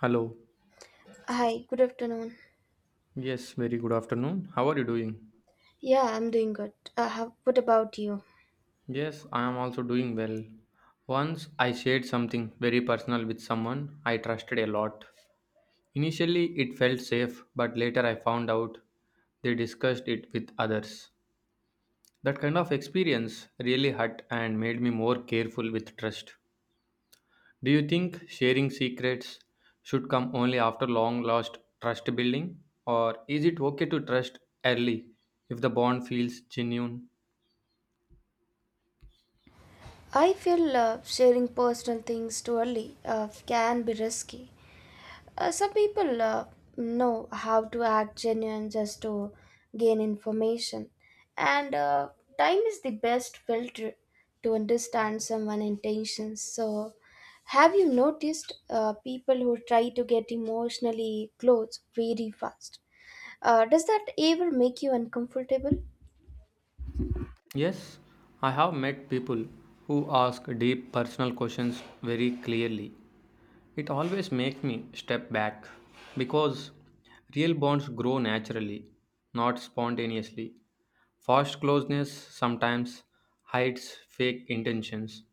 Hello. Hi, good afternoon. Yes, very good afternoon. How are you doing? Yeah, I'm doing good. How, what about you? Yes, I am also doing well. Once I shared something very personal with someone I trusted a lot. Initially, it felt safe, but later I found out they discussed it with others. That kind of experience really hurt and made me more careful with trust. Do you think sharing secrets should come only after long lost trust building? Or is it okay to trust early if the bond feels genuine? I feel sharing personal things too early can be risky. Some people know how to act genuine just to gain information, and time is the best filter to understand someone's intentions. So, have you noticed people who try to get emotionally close very fast? Does that ever make you uncomfortable? Yes, I have met people who ask deep personal questions very clearly. It always makes me step back because real bonds grow naturally, not spontaneously. Forced closeness sometimes hides fake intentions.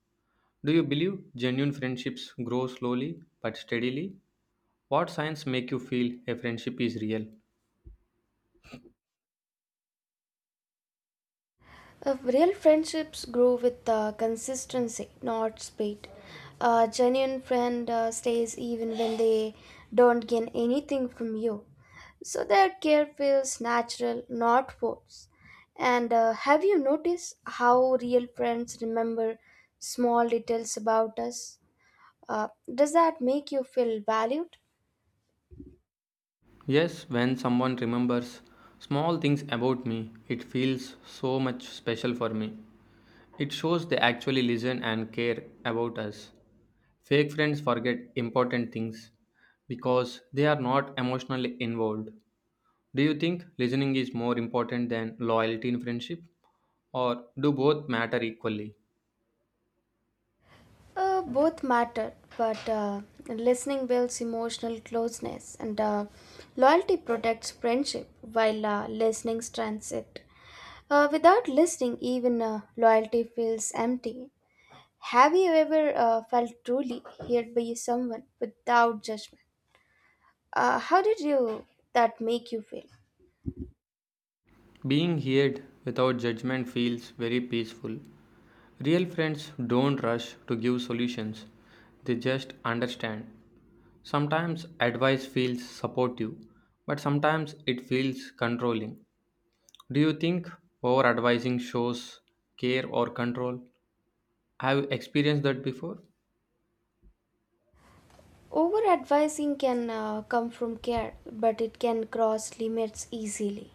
Do you believe genuine friendships grow slowly but steadily? What signs make you feel a friendship is real? Real friendships grow with consistency, not speed. A genuine friend stays even when they don't gain anything from you. So their care feels natural, not forced. And have you noticed how real friends remember small details about us? Uh, does that make you feel valued? Yes, when someone remembers small things about me, it feels so much special for me. It shows they actually listen and care about us. Fake friends forget important things because they are not emotionally involved. Do you think listening is more important than loyalty in friendship, or do both matter equally? Both matter, but listening builds emotional closeness, and loyalty protects friendship, while listening strengthens it. Without listening, even loyalty feels empty. Have you ever felt truly heard by someone without judgment? How did you that make you feel? Being heard without judgment feels very peaceful. Real friends don't rush to give solutions, they just understand. Sometimes advice feels supportive, but sometimes it feels controlling. Do you think over advising shows care or control? Have you experienced that before? Over advising can come from care, but it can cross limits easily.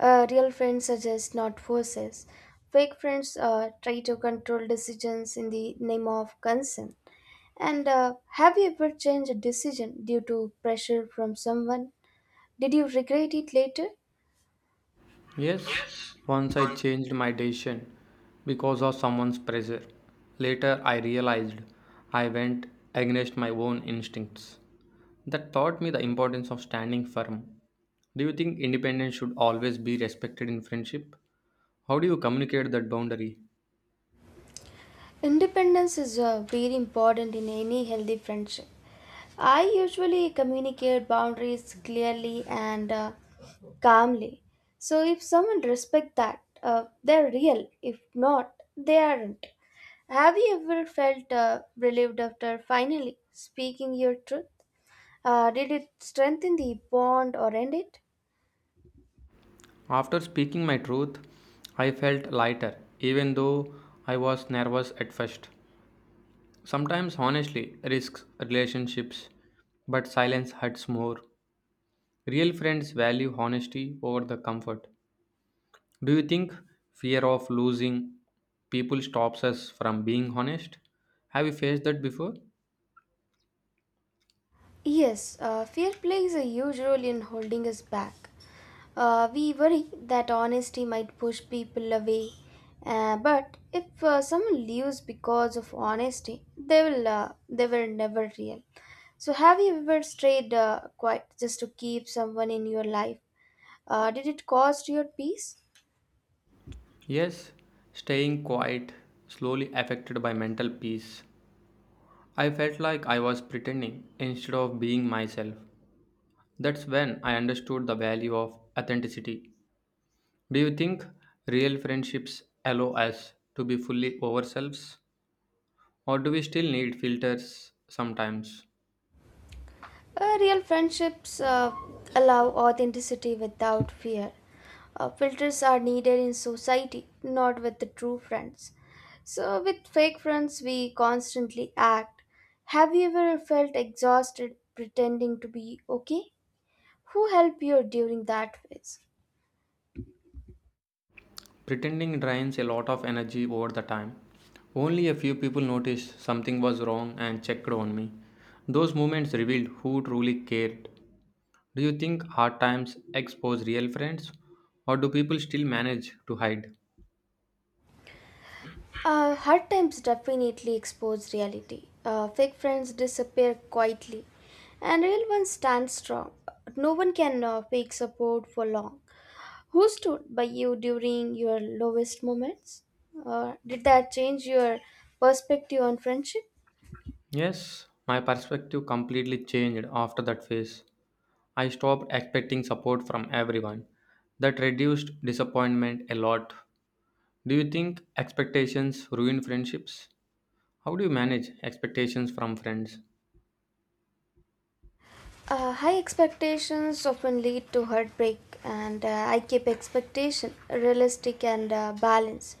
Real friends suggest, not forces. Fake friends try to control decisions in the name of concern. And have you ever changed a decision due to pressure from someone? Did you regret it later? Yes, once I changed my decision because of someone's pressure. Later, I realized I went against my own instincts. That taught me the importance of standing firm. Do you think independence should always be respected in friendship? How do you communicate that boundary? Independence is very important in any healthy friendship. I usually communicate boundaries clearly and calmly. So if someone respects that, they're real. If not, they aren't. Have you ever felt relieved after finally speaking your truth? Did it strengthen the bond or end it? After speaking my truth, I felt lighter, even though I was nervous at first. Sometimes, honestly, risks relationships, but silence hurts more. Real friends value honesty over the comfort. Do you think fear of losing people stops us from being honest? Have you faced that before? Yes, fear plays a huge role in holding us back. We worry that honesty might push people away, but if someone leaves because of honesty, they were never real. So, have you ever strayed quiet just to keep someone in your life? Did it cost your peace? Yes, staying quiet slowly affected by mental peace. I felt like I was pretending instead of being myself. That's when I understood the value of authenticity. Do you think real friendships allow us to be fully ourselves? Or do we still need filters sometimes? Real friendships allow authenticity without fear. Filters are needed in society, not with the true friends. So, with fake friends, we constantly act. Have you ever felt exhausted pretending to be okay? Who helped you during that phase? Pretending drains a lot of energy over the time. Only a few people noticed something was wrong and checked on me. Those moments revealed who truly cared. Do you think hard times expose real friends, or do people still manage to hide? Hard times definitely expose reality. Fake friends disappear quietly, and real ones stand strong. No one can fake support for long. Who stood by you during your lowest moments? Did that change your perspective on friendship? Yes, my perspective completely changed after that phase. I stopped expecting support from everyone. That reduced disappointment a lot. Do you think expectations ruin friendships? How do you manage expectations from friends? High expectations often lead to heartbreak, and I keep expectation realistic and balanced.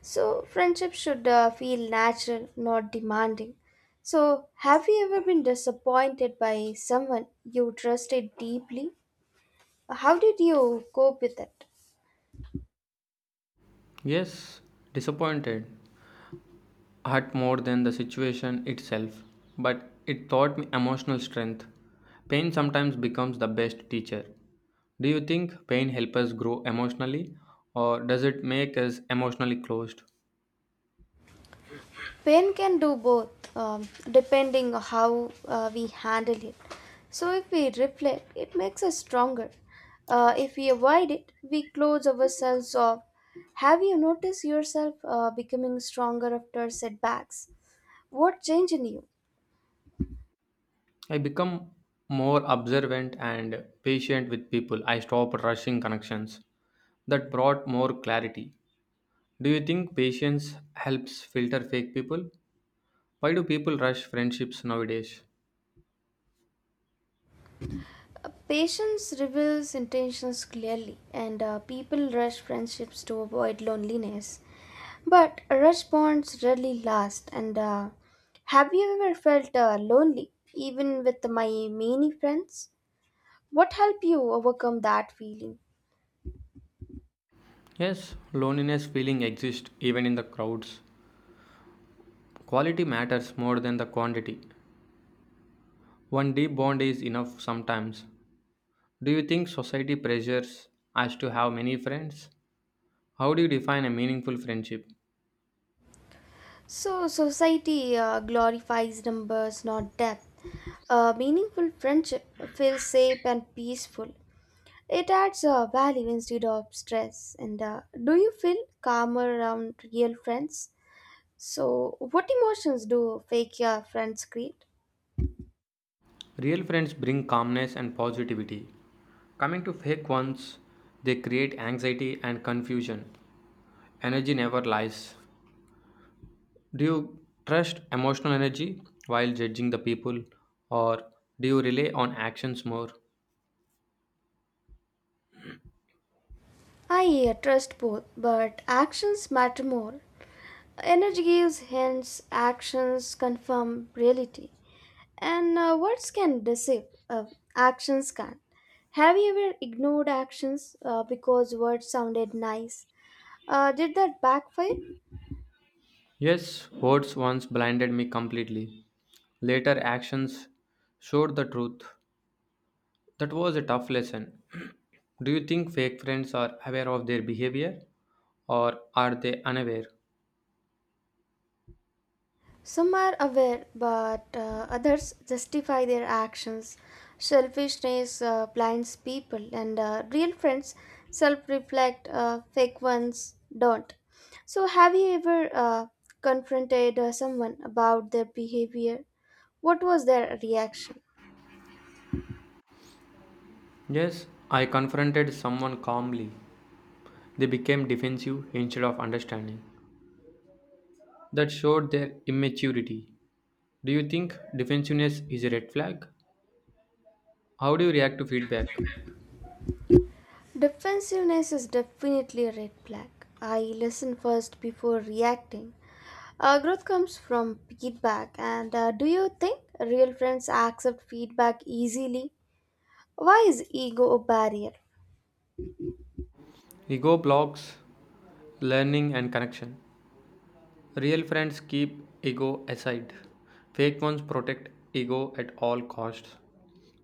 So, friendship should feel natural, not demanding. So, have you ever been disappointed by someone you trusted deeply? How did you cope with it? Yes, disappointed hurt more than the situation itself, but it taught me emotional strength. Pain sometimes becomes the best teacher. Do you think pain helps us grow emotionally, or does it make us emotionally closed? Pain can do both, depending on how we handle it. So, if we reflect, it makes us stronger. If we avoid it, we close ourselves off. Have you noticed yourself becoming stronger after setbacks? What changed in you? I become more observant and patient with people. I stop rushing connections. That brought more clarity. Do you think patience helps filter fake people? Why do people rush friendships nowadays? Patience reveals intentions clearly, and people rush friendships to avoid loneliness. But rush bonds rarely last. And have you ever felt lonely, even with my many friends? What helped you overcome that feeling? Yes, loneliness feeling exists even in the crowds. Quality matters more than the quantity. One deep bond is enough sometimes. Do you think society pressures us to have many friends? How do you define a meaningful friendship? So, society glorifies numbers, not depth. A meaningful friendship feels safe and peaceful. It adds value instead of stress. And do you feel calmer around real friends? So, what emotions do fake friends create? Real friends bring calmness and positivity. Coming to fake ones, they create anxiety and confusion. Energy never lies. Do you trust emotional energy while judging the people, or do you rely on actions more? I trust both, but actions matter more. Energy gives hints, actions confirm reality, and words can deceive, uh, actions can't. Have you ever ignored actions because words sounded nice? Did that backfire? Yes, words once blinded me completely. Later actions showed the truth. That was a tough lesson. Do you think fake friends are aware of their behavior or are they unaware? Some are aware, but others justify their actions. Selfishness blinds people, and real friends self reflect, fake ones don't. So, have you ever confronted someone about their behavior? What was their reaction? Yes, I confronted someone calmly. They became defensive instead of understanding. That showed their immaturity. Do you think defensiveness is a red flag? How do you react to feedback? Defensiveness is definitely a red flag. I listen first before reacting. Growth comes from feedback, and do you think real friends accept feedback easily? Why is ego a barrier? Ego blocks learning and connection. Real friends keep ego aside. Fake ones protect ego at all costs.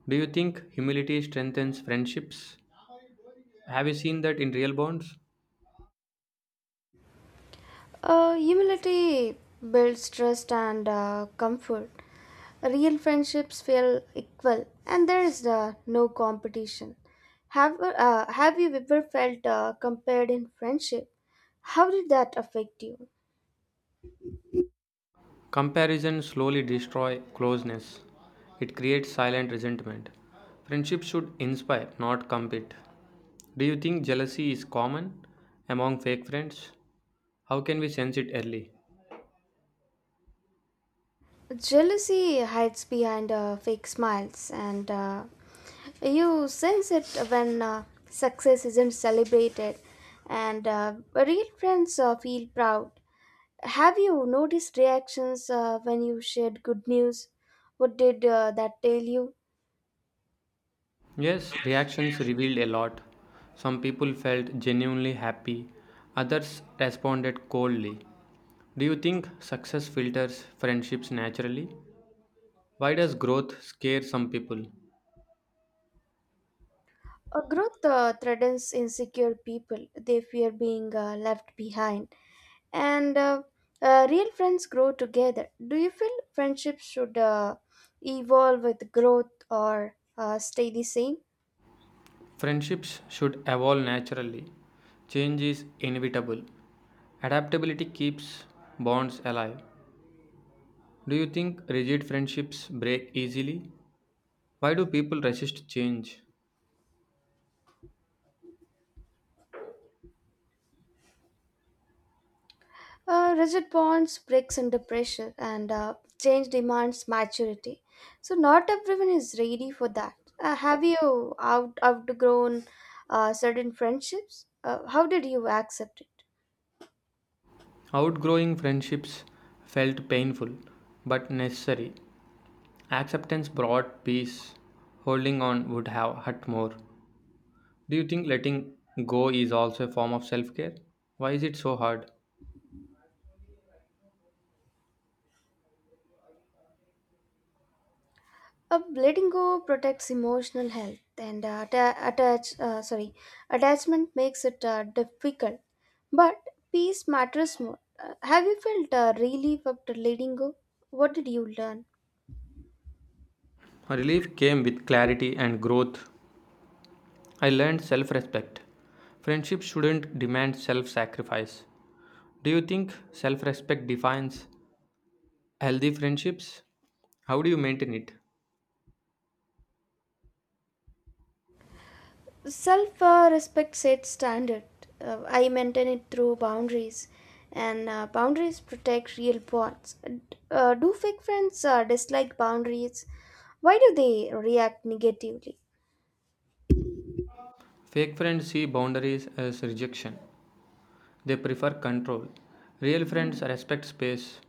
Do you think humility strengthens friendships? Have you seen that in real bonds? Humility builds trust and comfort. Real friendships feel equal, and there is no competition. Have you ever felt compared in friendship? How did that affect you? Comparison slowly destroys closeness. It creates silent resentment. Friendship should inspire, not compete. Do you think jealousy is common among fake friends? How can we sense it early? Jealousy hides behind fake smiles, and you sense it when success isn't celebrated, and real friends feel proud. Have you noticed reactions when you shared good news? What did that tell you? Yes, reactions revealed a lot. Some people felt genuinely happy, others responded coldly. Do you think success filters friendships naturally? Why does growth scare some people? Growth threatens insecure people. They fear being left behind, and real friends grow together. Do you feel friendships should evolve with growth or stay the same? Friendships should evolve naturally. Change is inevitable. Adaptability keeps bonds alive. Do you think rigid friendships break easily? Why do people resist change? Rigid bonds breaks under pressure and change demands maturity. So not everyone is ready for that. Have you outgrown certain friendships? How did you accept it? Outgrowing friendships felt painful but necessary. Acceptance brought peace, holding on would have hurt more. Do you think letting go is also a form of self care? Why is it so hard? Letting go protects emotional health, and attachment makes it difficult. But peace matters more. Have you felt relief after letting go? What did you learn? Relief came with clarity and growth. I learned self respect. Friendship shouldn't demand self sacrifice. Do you think self respect defines healthy friendships? How do you maintain it? Self respect sets standard. I maintain it through boundaries, and boundaries protect real bonds. Do fake friends dislike boundaries? Why do they react negatively? Fake friends see boundaries as rejection, they prefer control. Real friends respect space.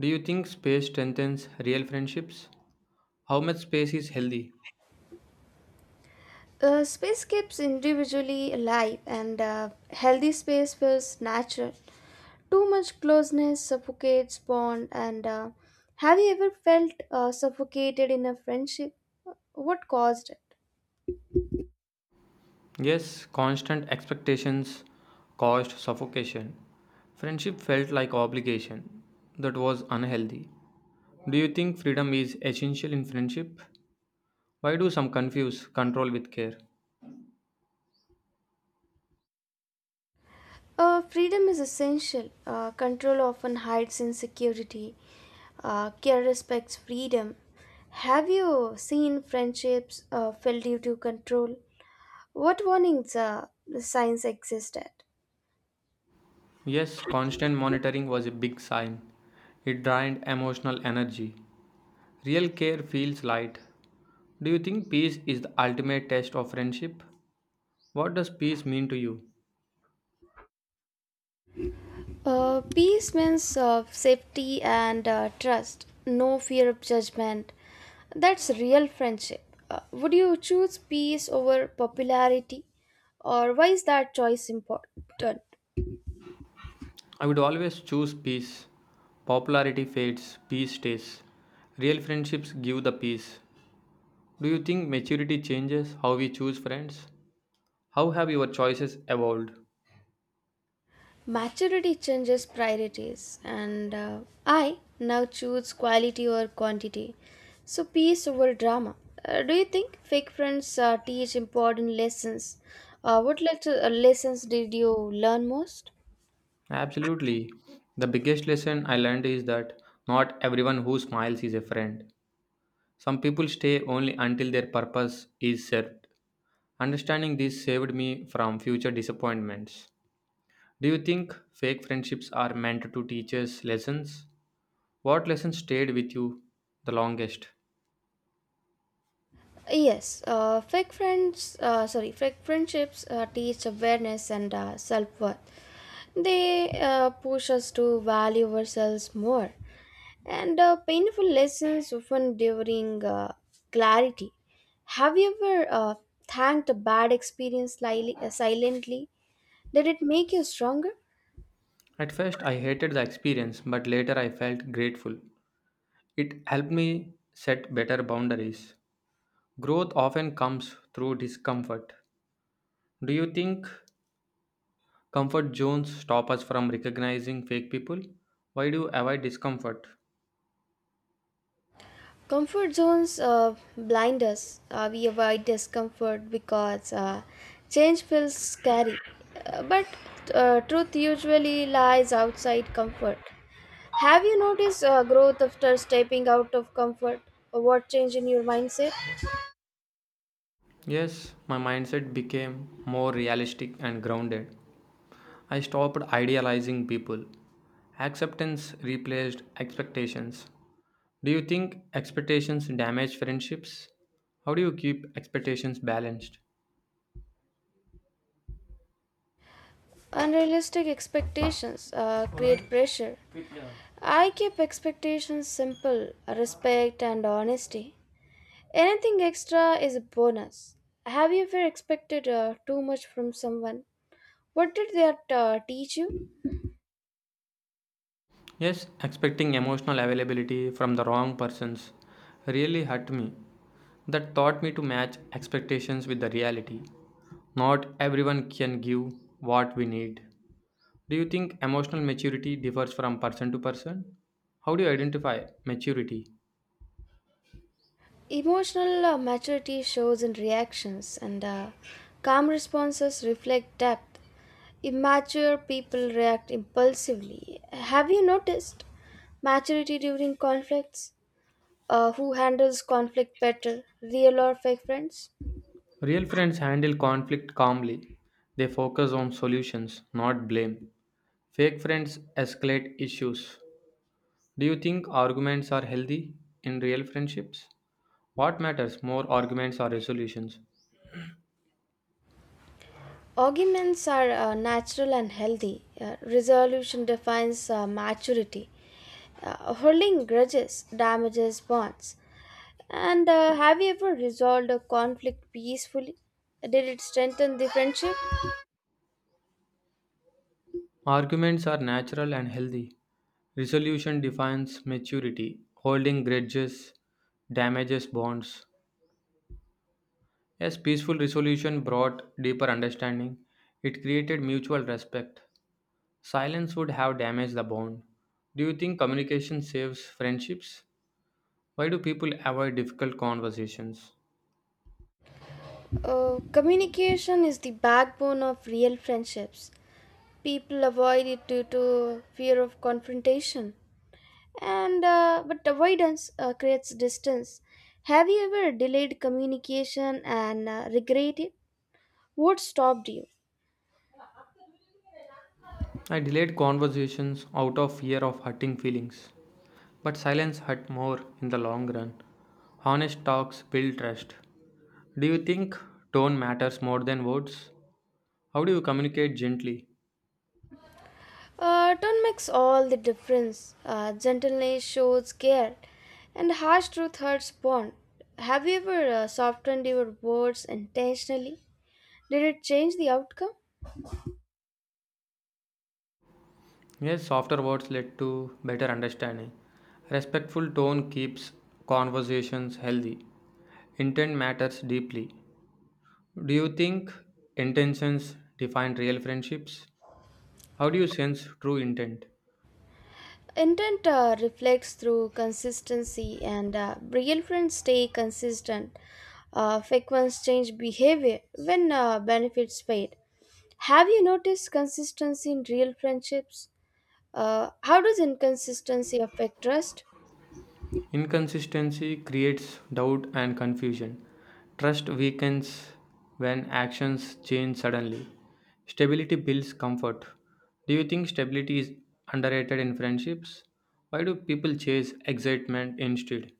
Do you think space strengthens real friendships? How much space is healthy? Space keeps individually alive, and healthy space feels natural. Too much closeness suffocates bond. And have you ever felt suffocated in a friendship? What caused it? Yes, constant expectations caused suffocation. Friendship felt like obligation that was unhealthy. Do you think freedom is essential in friendship? Why do some confuse control with care? Freedom is essential. Control often hides insecurity. Care respects freedom. Have you seen friendships fail due to control? What warnings the signs existed? Yes, constant monitoring was a big sign. It drained emotional energy. Real care feels light. Do you think peace is the ultimate test of friendship? What does peace mean to you? Peace means safety and trust, no fear of judgment. That's real friendship. Would you choose peace over popularity? Or why is that choice important? I would always choose peace. Popularity fades, peace stays. Real friendships give the peace. Do you think maturity changes how we choose friends? How have your choices evolved? Maturity changes priorities, and I now choose quality over quantity. So, peace over drama. Do you think fake friends teach important lessons? What lessons did you learn most? Absolutely. The biggest lesson I learned is that not everyone who smiles is a friend. Some people stay only until their purpose is served. Understanding this saved me from future disappointments. Do you think fake friendships are meant to teach us lessons? What lesson stayed with you the longest? Yes, fake friendships teach awareness and self worth. They push us to value ourselves more. And painful lessons often during clarity. Have you ever thanked a bad experience silently? Did it make you stronger? At first, I hated the experience, but later I felt grateful. It helped me set better boundaries. Growth often comes through discomfort. Do you think comfort zones stop us from recognizing fake people? Why do you avoid discomfort? Comfort zones blind us. We avoid discomfort because change feels scary. But truth usually lies outside comfort. Have you noticed growth after stepping out of comfort? What change in your mindset? Yes, my mindset became more realistic and grounded. I stopped idealizing people. Acceptance replaced expectations. Do you think expectations damage friendships? How do you keep expectations balanced? Unrealistic expectations create pressure. I keep expectations simple, respect, and honesty. Anything extra is a bonus. Have you ever expected too much from someone? What did that teach you? Yes, expecting emotional availability from the wrong persons really hurt me. That taught me to match expectations with the reality. Not everyone can give what we need. Do you think emotional maturity differs from person to person? How do you identify maturity? Emotional maturity shows in reactions, and calm responses reflect depth. Immature people react impulsively. Have you noticed maturity during conflicts? Who handles conflict better, real or fake friends? Real friends handle conflict calmly. They focus on solutions, not blame. Fake friends escalate issues. Do you think arguments are healthy in real friendships? What matters more, arguments or resolutions? Arguments are natural and healthy. Resolution defines maturity. Holding grudges damages bonds. And have you ever resolved a conflict peacefully? Did it strengthen the friendship? Arguments are natural and healthy. Resolution defines maturity. Holding grudges damages bonds. Yes, peaceful resolution brought deeper understanding. It created mutual respect. Silence would have damaged the bond. Do you think communication saves friendships? Why do people avoid difficult conversations? Communication is the backbone of real friendships. People avoid it due to fear of confrontation and but avoidance creates distance. Have you ever delayed communication and regret it? What stopped you? I delayed conversations out of fear of hurting feelings, but silence hurt more in the long run. Honest talks build trust. Do you think tone matters more than words? How do you communicate gently? Tone makes all the difference. Gentleness shows care and harsh truth hurts bond. Have you ever softened your words intentionally? Did it change the outcome? Yes, softer words lead to better understanding. Respectful tone keeps conversations healthy. Intent matters deeply. Do you think intentions define real friendships? How do you sense true intent? Intent reflects through consistency, and real friends stay consistent. Fake ones change behavior when benefits fade. Have you noticed consistency in real friendships? How does inconsistency affect trust? Inconsistency creates doubt and confusion. Trust weakens when actions change suddenly. Stability builds comfort. Do you think stability is underrated in friendships? Why do people chase excitement instead?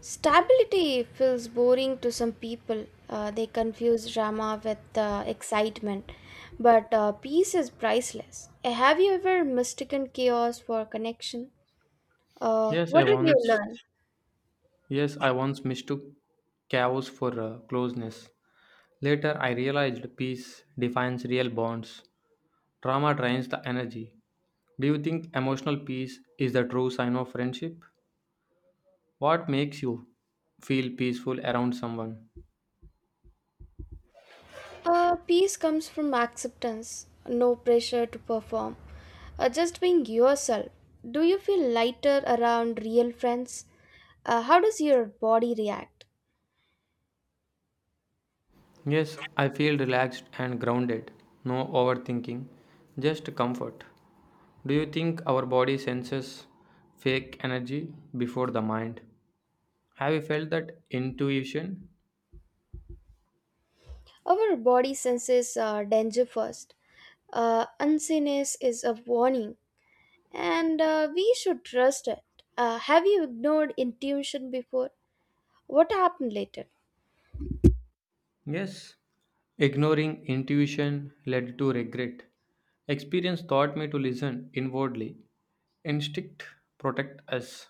Stability feels boring to some people. They confuse drama with excitement, but peace is priceless. Have you ever mistaken chaos for connection? Yes, I What did you once learn? yes, I once mistook chaos for closeness. Later I realized peace defines real bonds. Trauma drains the energy. Do you think emotional peace is the true sign of friendship? What makes you feel peaceful around someone? Peace comes from acceptance, no pressure to perform, just being yourself. Do you feel lighter around real friends? How does your body react? Yes, I feel relaxed and grounded. No overthinking, just comfort. Do you think our body senses fake energy before the mind? Have you felt that intuition? Our body senses danger first. Unseeness is a warning, and we should trust it. Have you ignored intuition before? What happened later? Yes, ignoring intuition led to regret. Experience taught me to listen inwardly. Instinct protect us.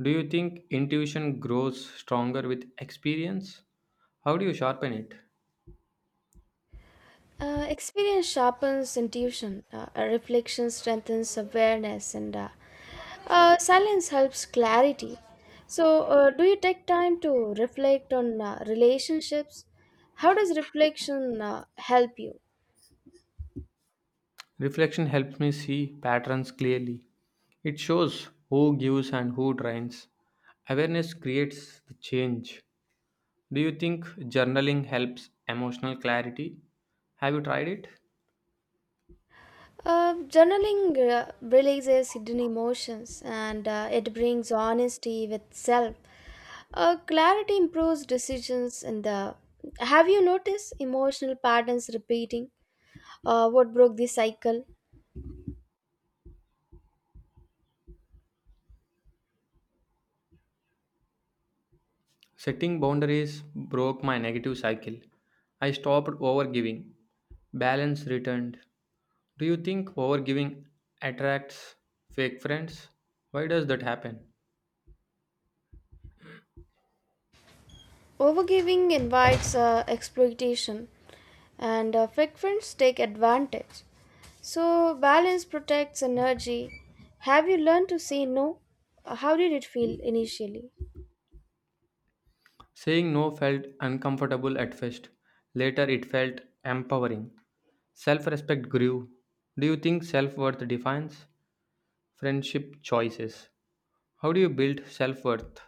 Do you think intuition grows stronger with experience? How do you sharpen it? Experience sharpens intuition, reflection strengthens awareness, and silence helps clarity. So, do you take time to reflect on relationships? How does reflection help you? Reflection helps me see patterns clearly. It shows who gives and who drains. Awareness creates the change. Do you think journaling helps emotional clarity? Have you tried it? Journaling releases hidden emotions and it brings honesty with self. Clarity improves decisions and the. Have you noticed emotional patterns repeating? What broke the cycle? Setting boundaries broke my negative cycle. I stopped overgiving. Balance returned. Do you think overgiving attracts fake friends? Why does that happen? Overgiving invites exploitation, and frequents take advantage. So, balance protects energy. Have you learned to say no? How did it feel initially? Saying no felt uncomfortable at first. Later, it felt empowering. Self respect grew. Do you think self worth defines friendship choices? How do you build self worth?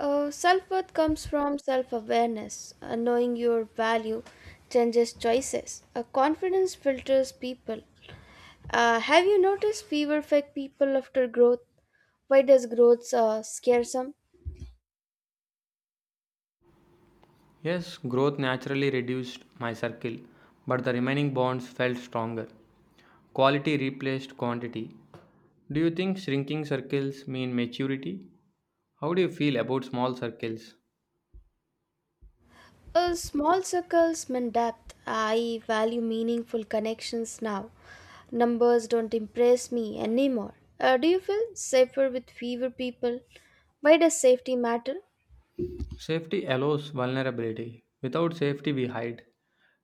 Self worth comes from self awareness. Knowing your value changes choices. Confidence filters people. Have you noticed fewer fake people after growth? Why does growth scare some? Yes, growth naturally reduced my circle, but the remaining bonds felt stronger. Quality replaced quantity. Do you think shrinking circles mean maturity? How do you feel about small circles? Small circles mean depth. I value meaningful connections now. Numbers don't impress me anymore. Do you feel safer with fewer people? Why does safety matter? Safety allows vulnerability. Without safety, we hide.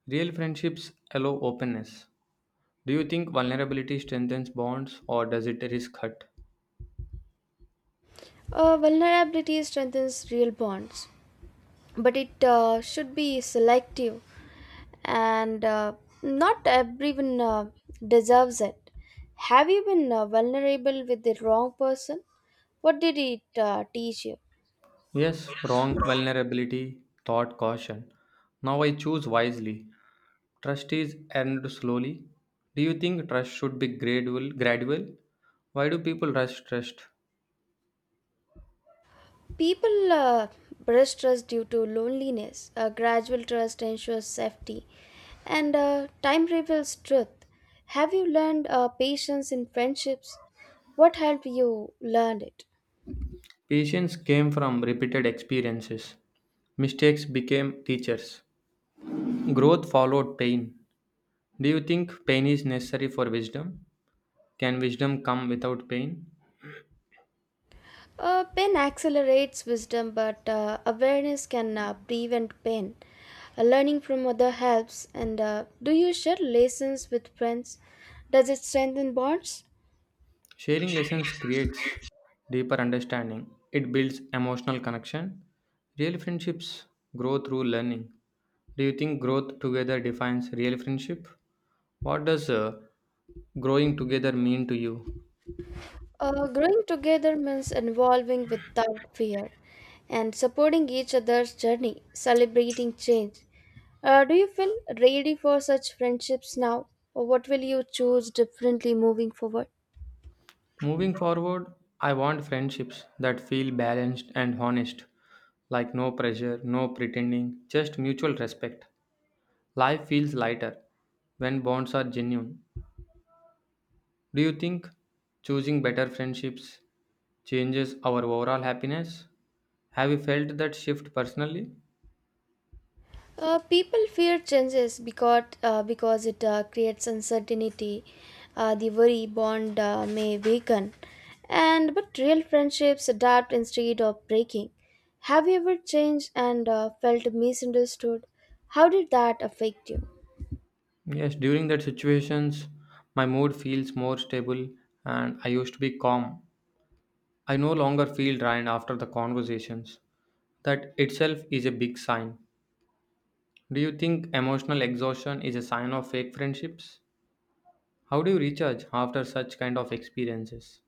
Real friendships allow openness. Do you think vulnerability strengthens bonds or does it risk hurt? Vulnerability strengthens real bonds, but it should be selective, and not everyone deserves it. Have you been vulnerable with the wrong person? What did it teach you? Yes, wrong vulnerability, thought caution. Now I choose wisely. Trust is earned slowly. Do you think trust should be gradual? Why do people rush trust? People breast trust due to loneliness. A gradual trust ensures safety, and time reveals truth. Have you learned patience in friendships? What helped you learn it? Patience came from repeated experiences. Mistakes became teachers. Growth followed pain. Do you think pain is necessary for wisdom? Can wisdom come without pain? Pain accelerates wisdom, but awareness can prevent pain. Learning from other helps. And do you share lessons with friends? Does it strengthen bonds? Sharing lessons creates deeper understanding. It builds emotional connection. Real friendships grow through learning. Do you think growth together defines real friendship? What does growing together mean to you? Growing together means involving without fear and supporting each other's journey, celebrating change. Do you feel ready for such friendships now, or what will you choose differently moving forward? Moving forward, I want friendships that feel balanced and honest, like no pressure, no pretending, just mutual respect. Life feels lighter when bonds are genuine. Do you think choosing better friendships changes our overall happiness? Have you felt that shift personally? People fear changes because it creates uncertainty. The worry bond may weaken, and but real friendships adapt instead of breaking. Have you ever changed and felt misunderstood? How did that affect you? Yes, during that situations, my mood feels more stable and I used to be calm. I no longer feel drained after the conversations. That itself is a big sign. Do you think emotional exhaustion is a sign of fake friendships? How do you recharge after such kind of experiences?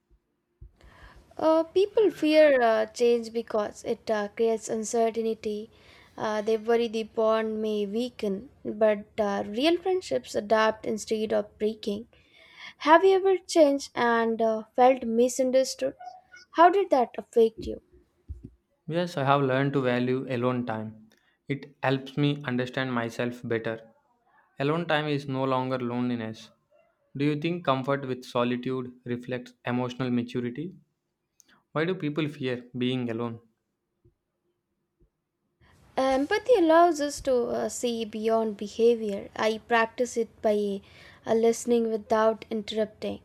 People fear change because it creates uncertainty. They worry the bond may weaken, but real friendships adapt instead of breaking. Have you ever changed and felt misunderstood? How did that affect you? Yes, I have learned to value alone time. It helps me understand myself better. Alone time is no longer loneliness. Do you think comfort with solitude reflects emotional maturity? Why do people fear being alone? Empathy allows us to see beyond behavior. I practice it by listening without interrupting,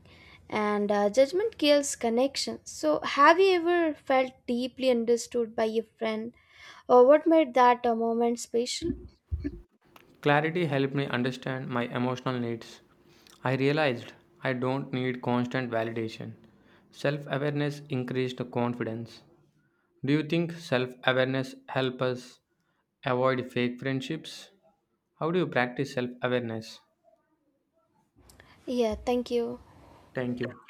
and judgment kills connection. So, have you ever felt deeply understood by a friend, or what made that a moment special? Clarity helped me understand my emotional needs. I realized I don't need constant validation. Self awareness increased confidence. Do you think self awareness helps us avoid fake friendships? How do you practice self awareness? Yeah, thank you. Thank you.